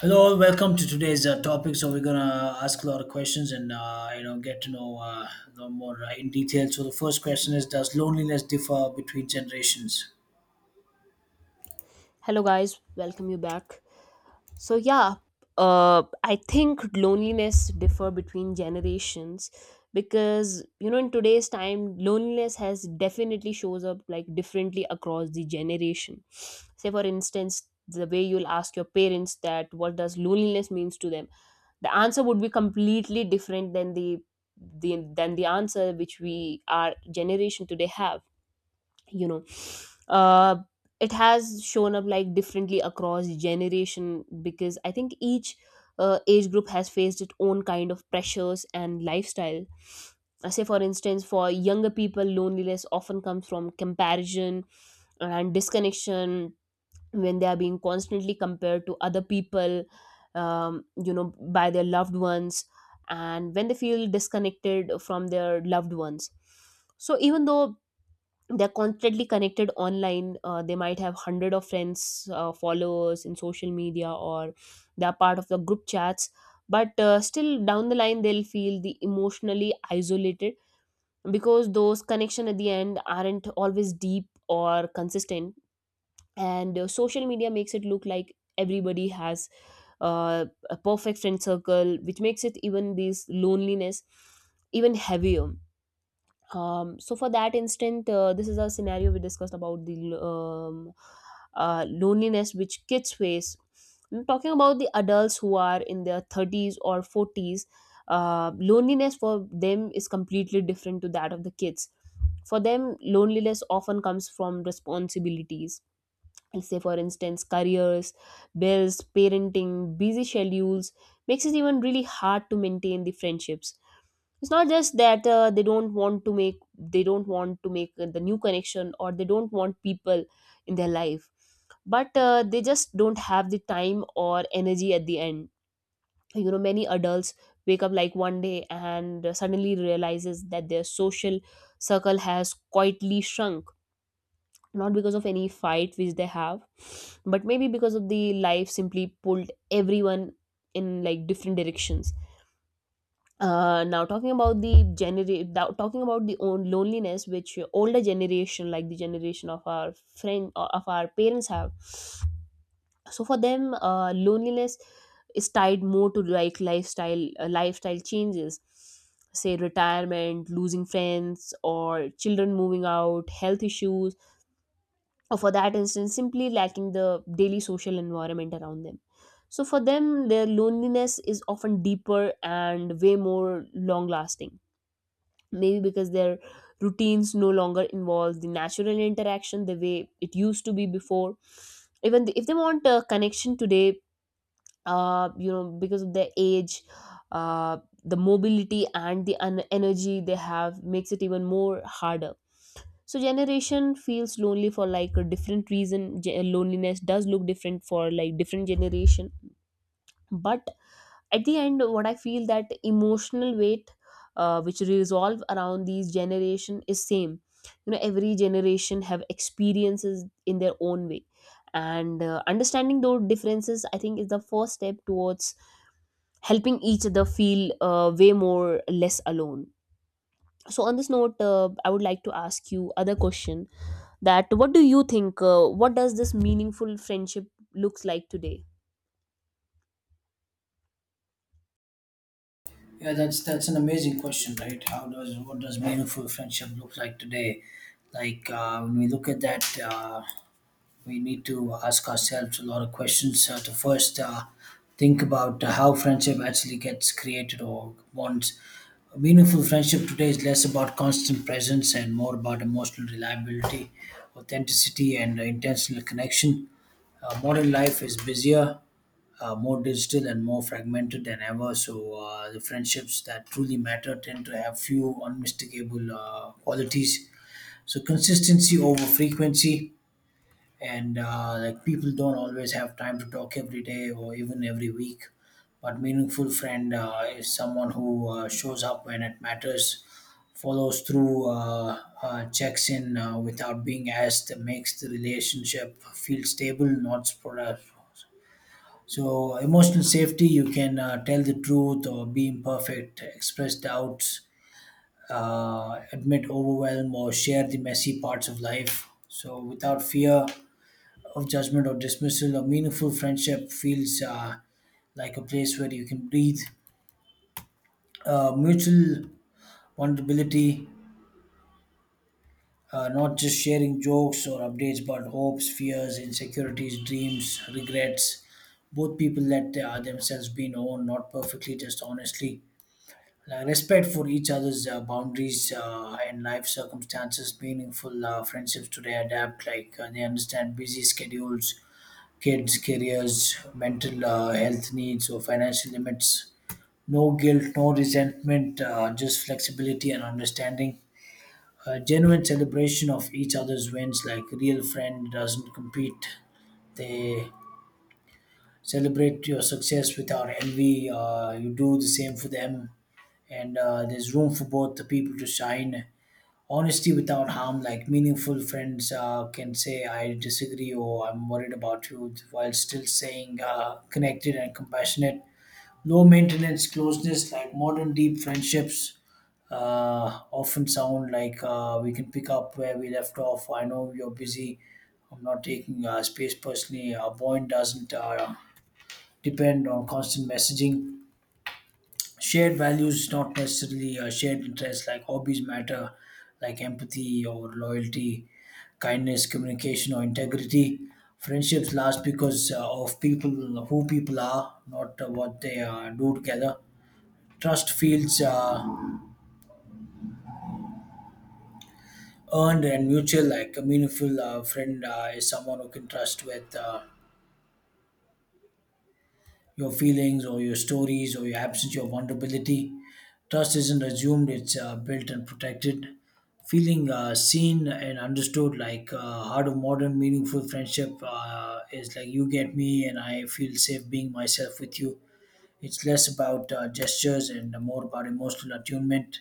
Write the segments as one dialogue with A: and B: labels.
A: Hello, welcome to today's topic. So we're gonna ask a lot of questions and get to know a lot more in detail. So the first question is: Does loneliness differ between generations?
B: Hello, guys. Welcome you back. So yeah, I think loneliness differ between generations because you know in today's time loneliness has definitely shows up like differently across the generation. Say for instance, the way you'll ask your parents that what does loneliness means to them, the answer would be completely different than the answer which we our generation today have you know uh it has shown up like differently across generation because I think each age group has faced its own kind of pressures and lifestyle. Say for instance for younger people loneliness often comes from comparison and disconnection when they are being constantly compared to other people, um, you know by their loved ones, and when they feel disconnected from their loved ones. So even though they're constantly connected online, they might have hundred of friends, followers in social media or they're part of the group chats, but still down the line they'll feel the emotionally isolated because those connection at the end aren't always deep or consistent. And social media makes it look like everybody has a perfect friend circle which makes it even this loneliness even heavier. So for that instant, this is a scenario we discussed about the loneliness which kids face. I'm talking about the adults who are in their 30s or 40s. Loneliness for them is completely different to that of the kids. For them, loneliness often comes from responsibilities, say for instance careers, bills, parenting, busy schedules, makes it even really hard to maintain the friendships. It's not just that they don't want to make the new connection or they don't want people in their life, but they just don't have the time or energy at the end. You know many adults wake up like one day and suddenly realizes that their social circle has quietly shrunk, not because of any fight which they have, but maybe because of the life simply pulled everyone in like different directions. Now talking about the own loneliness which older generation like the generation of our friend of our parents have. So for them loneliness is tied more to like lifestyle lifestyle changes, say retirement, losing friends or children moving out, health issues, or for that instance simply lacking the daily social environment around them. So for them their loneliness is often deeper and way more long lasting, maybe because their routines no longer involve the natural interaction the way it used to be before. If they want a connection today, because of their age, uh the mobility and the energy they have makes it even more harder. So generation feels lonely for like a different reason. Loneliness does look different for like different generation, but at the end what I feel that emotional weight which resolve around these generation is same. You know every generation have experiences in their own way, and understanding those differences I think is the first step towards helping each other feel way more less alone. So on this note I would like to ask you other question, that what do you think, what does this meaningful friendship looks like today?
A: Yeah, that's an amazing question, right? How does what does meaningful friendship look like today? Like when we look at that. We need to ask ourselves a lot of questions to first think about how friendship actually gets created or wants. A meaningful friendship today is less about constant presence and more about emotional reliability, authenticity, and intentional connection. Modern life is busier, more digital, and more fragmented than ever. So the friendships that truly matter tend to have few unmistakable qualities. So consistency over frequency, and like people don't always have time to talk every day or even every week, but meaningful friend is someone who shows up when it matters, follows through, checks in without being asked, makes the relationship feel stable not spread. So emotional safety, you can tell the truth or be imperfect, express doubts, admit overwhelm or share the messy parts of life so without fear of judgment or dismissal. A meaningful friendship feels like a place where you can breathe. Mutual vulnerability, not just sharing jokes or updates, but hopes, fears, insecurities, dreams, regrets. Both people let themselves be known, not perfectly, just honestly. Like respect for each other's boundaries and life circumstances. Meaningful friendships today adapt, like they understand busy schedules, kids, careers, mental health needs, or financial limits. No guilt, no resentment, just flexibility and understanding. A genuine celebration of each other's wins, like a real friend doesn't compete. They celebrate your success without envy. You do the same for them, and there's room for both the people to shine. Honesty without harm, like meaningful friends can say I disagree or I'm worried about you while still saying connected and compassionate. Low maintenance closeness, like modern deep friendships often sound like, we can pick up where we left off, I know you're busy, I'm not taking space personally, our bond doesn't depend on constant messaging. Shared values, not necessarily shared interests, like hobbies matter, like empathy or loyalty, kindness, communication, or integrity. Friendships last because of people who people are, not what they do together. Trust feels earned and mutual, like a meaningful friend is someone who can trust with your feelings or your stories or your absence, your vulnerability. Trust isn't assumed, it's built and protected. Feeling seen and understood, like heart of modern, meaningful friendship, is like you get me and I feel safe being myself with you. It's less about gestures and more about emotional attunement.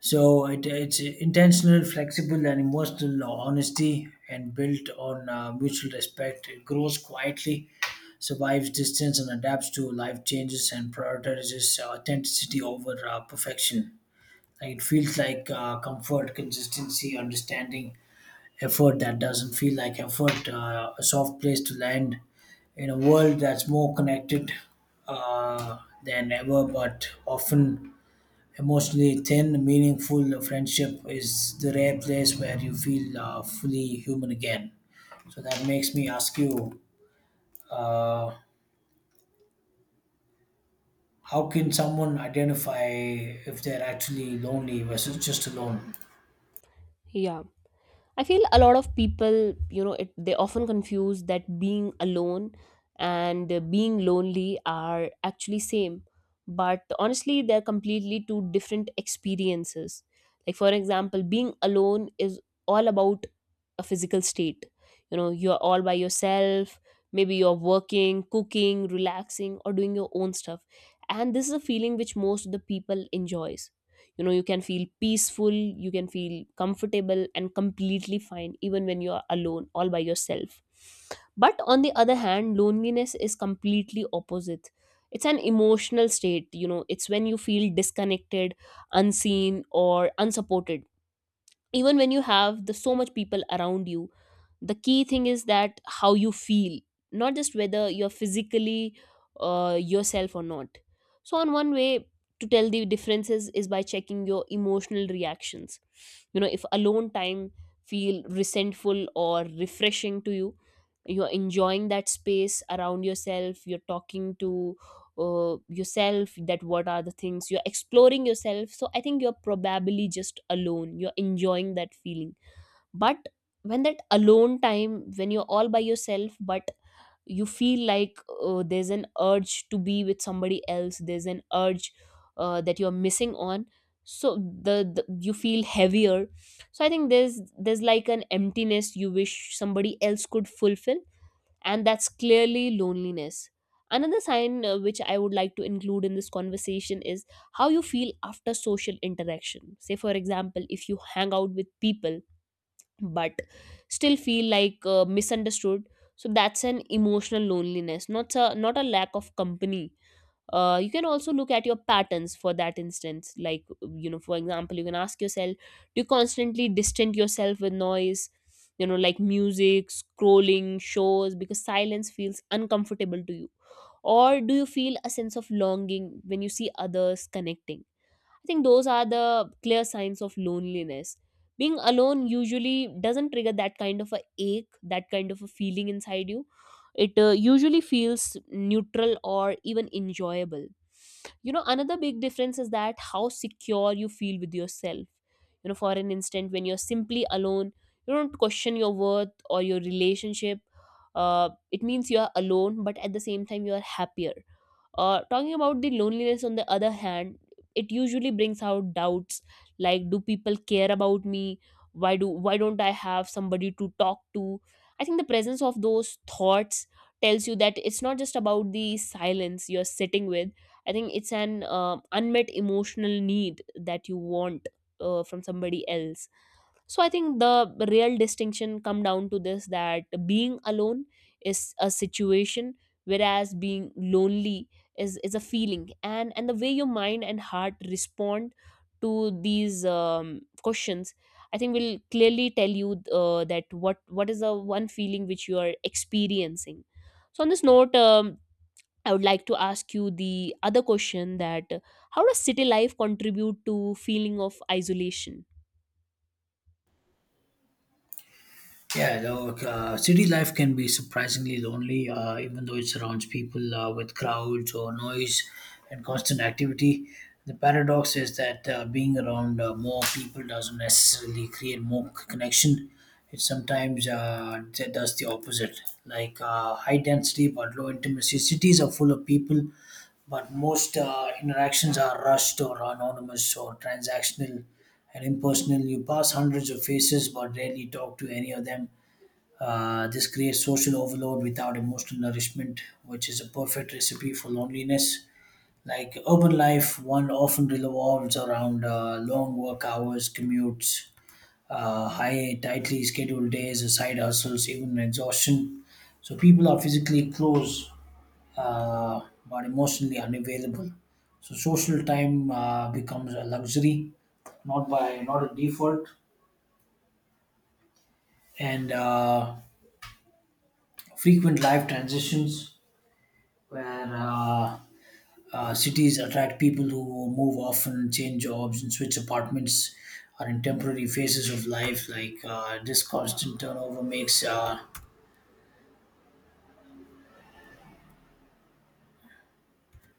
A: So it's intentional, flexible, and emotional honesty, and built on mutual respect. It grows quietly, survives distance, and adapts to life changes, and prioritizes authenticity over perfection. Like it feels like comfort, consistency, understanding, effort that doesn't feel like effort, a soft place to land in a world that's more connected uh, than ever, but often emotionally thin. Meaningful friendship is the rare place where you feel fully human again. So that makes me ask you. Uh, How can someone identify if they're actually lonely versus just alone?
B: Yeah. I feel a lot of people, you know, it, they often confuse that being alone and being lonely are actually same, but honestly, they're completely two different experiences. Like for example, being alone is all about a physical state. You know, you're all by yourself. Maybe you're working, cooking, relaxing, or doing your own stuff, and this is a feeling which most of the people enjoys. You know you can feel peaceful, you can feel comfortable and completely fine even when you are alone all by yourself. But on the other hand loneliness is completely opposite. It's an emotional state. You know it's when you feel disconnected, unseen or unsupported even when you have the so much people around you. The key thing is that how you feel, not just whether you're physically yourself or not. So on one way to tell the differences is by checking your emotional reactions. You know if alone time feel resentful or refreshing to you, you're enjoying that space around yourself, you're talking to yourself, that what are the things you're exploring yourself, so I think you're probably just alone, you're enjoying that feeling. But when that alone time when you're all by yourself but you feel like there's an urge to be with somebody else, there's an urge that you're missing on, so the you feel heavier, so I think there's like an emptiness you wish somebody else could fulfill, and that's clearly loneliness. Another sign which I would like to include in this conversation is how you feel after social interaction. Say, for example, if you hang out with people but still feel like misunderstood, so that's an emotional loneliness, not a lack of company. You can also look at your patterns for that instance, like you know for example you can ask yourself, do you constantly distance yourself with noise, you know like music, scrolling, shows because silence feels uncomfortable to you, or do you feel a sense of longing when you see others connecting? I think those are the clear signs of loneliness. Being alone usually doesn't trigger that kind of a ache, that kind of a feeling inside you. It usually feels neutral or even enjoyable. You know, another big difference is that how secure you feel with yourself. You know, for an instant, when you're simply alone, you don't question your worth or your relationship. It means you are alone, but at the same time, you are happier. Talking about the loneliness on the other hand, it usually brings out doubts like do people care about me, why don't I have somebody to talk to? I think the presence of those thoughts tells you that it's not just about the silence you're sitting with. I think it's an unmet emotional need that you want from somebody else. So I think the real distinction come down to this, that being alone is a situation, whereas being lonely is a feeling, and the way your mind and heart respond to these questions I think will clearly tell you that what is the one feeling which you are experiencing. So on this note I would like to ask you the other question, that how does city life contribute to feeling of isolation?
A: Yeah, look, city life can be surprisingly lonely, even though it surrounds people with crowds or noise and constant activity. The paradox is that being around more people doesn't necessarily create more connection. It sometimes does the opposite, like high density but low intimacy. Cities are full of people, but most interactions are rushed or anonymous or transactional and impersonal. You pass hundreds of faces but rarely talk to any of them. This creates social overload without emotional nourishment, which is a perfect recipe for loneliness. Like urban life, one often revolves around long work hours, commutes, high, tightly scheduled days, side hustles, even exhaustion. So people are physically close but emotionally unavailable. So social time becomes a luxury, not by not a default, and frequent life transitions, where cities attract people who move often, change jobs, and switch apartments, are in temporary phases of life. Like this constant turnover makes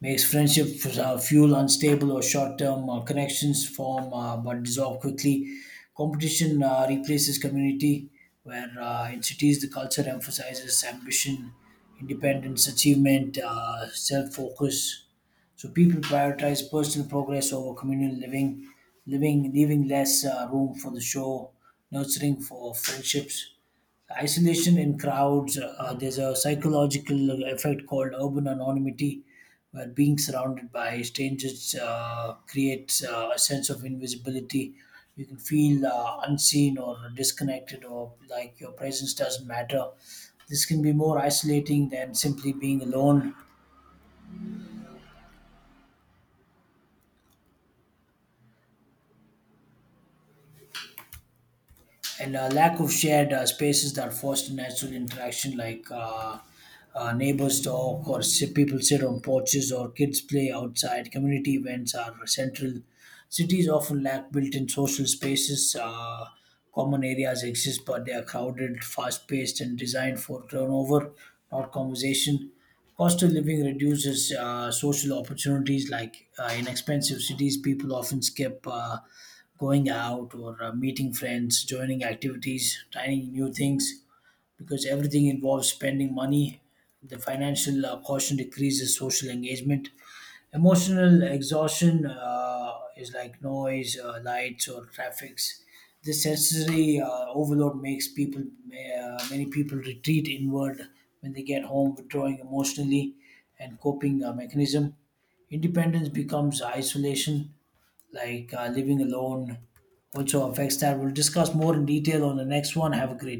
A: makes friendship fuel unstable or short-term connections form but dissolve quickly. Competition replaces community, where in cities the culture emphasizes ambition, independence, achievement, self-focus. So people prioritize personal progress over communal living, living leaving less room for the show, nurturing for friendships, isolation in crowds. There's a psychological effect called urban anonymity, where being surrounded by strangers creates a sense of invisibility. You can feel unseen or disconnected, or like your presence doesn't matter. This can be more isolating than simply being alone, and lack of shared spaces that foster natural interaction, like neighbors talk or sit, people sit on porches or kids play outside. Community events are central. Cities often lack built-in social spaces. Common areas exist, but they are crowded, fast-paced, and designed for turnover, not conversation. Cost of living reduces social opportunities. Like in expensive cities, people often skip. Going out or meeting friends, joining activities, trying new things, because everything involves spending money. The financial caution decreases social engagement. Emotional exhaustion is like noise, lights, or traffics. This sensory overload makes people, many people retreat inward when they get home, withdrawing emotionally and coping mechanism. Independence becomes isolation, like living alone also affects that. We'll discuss more in detail on the next one. Have a great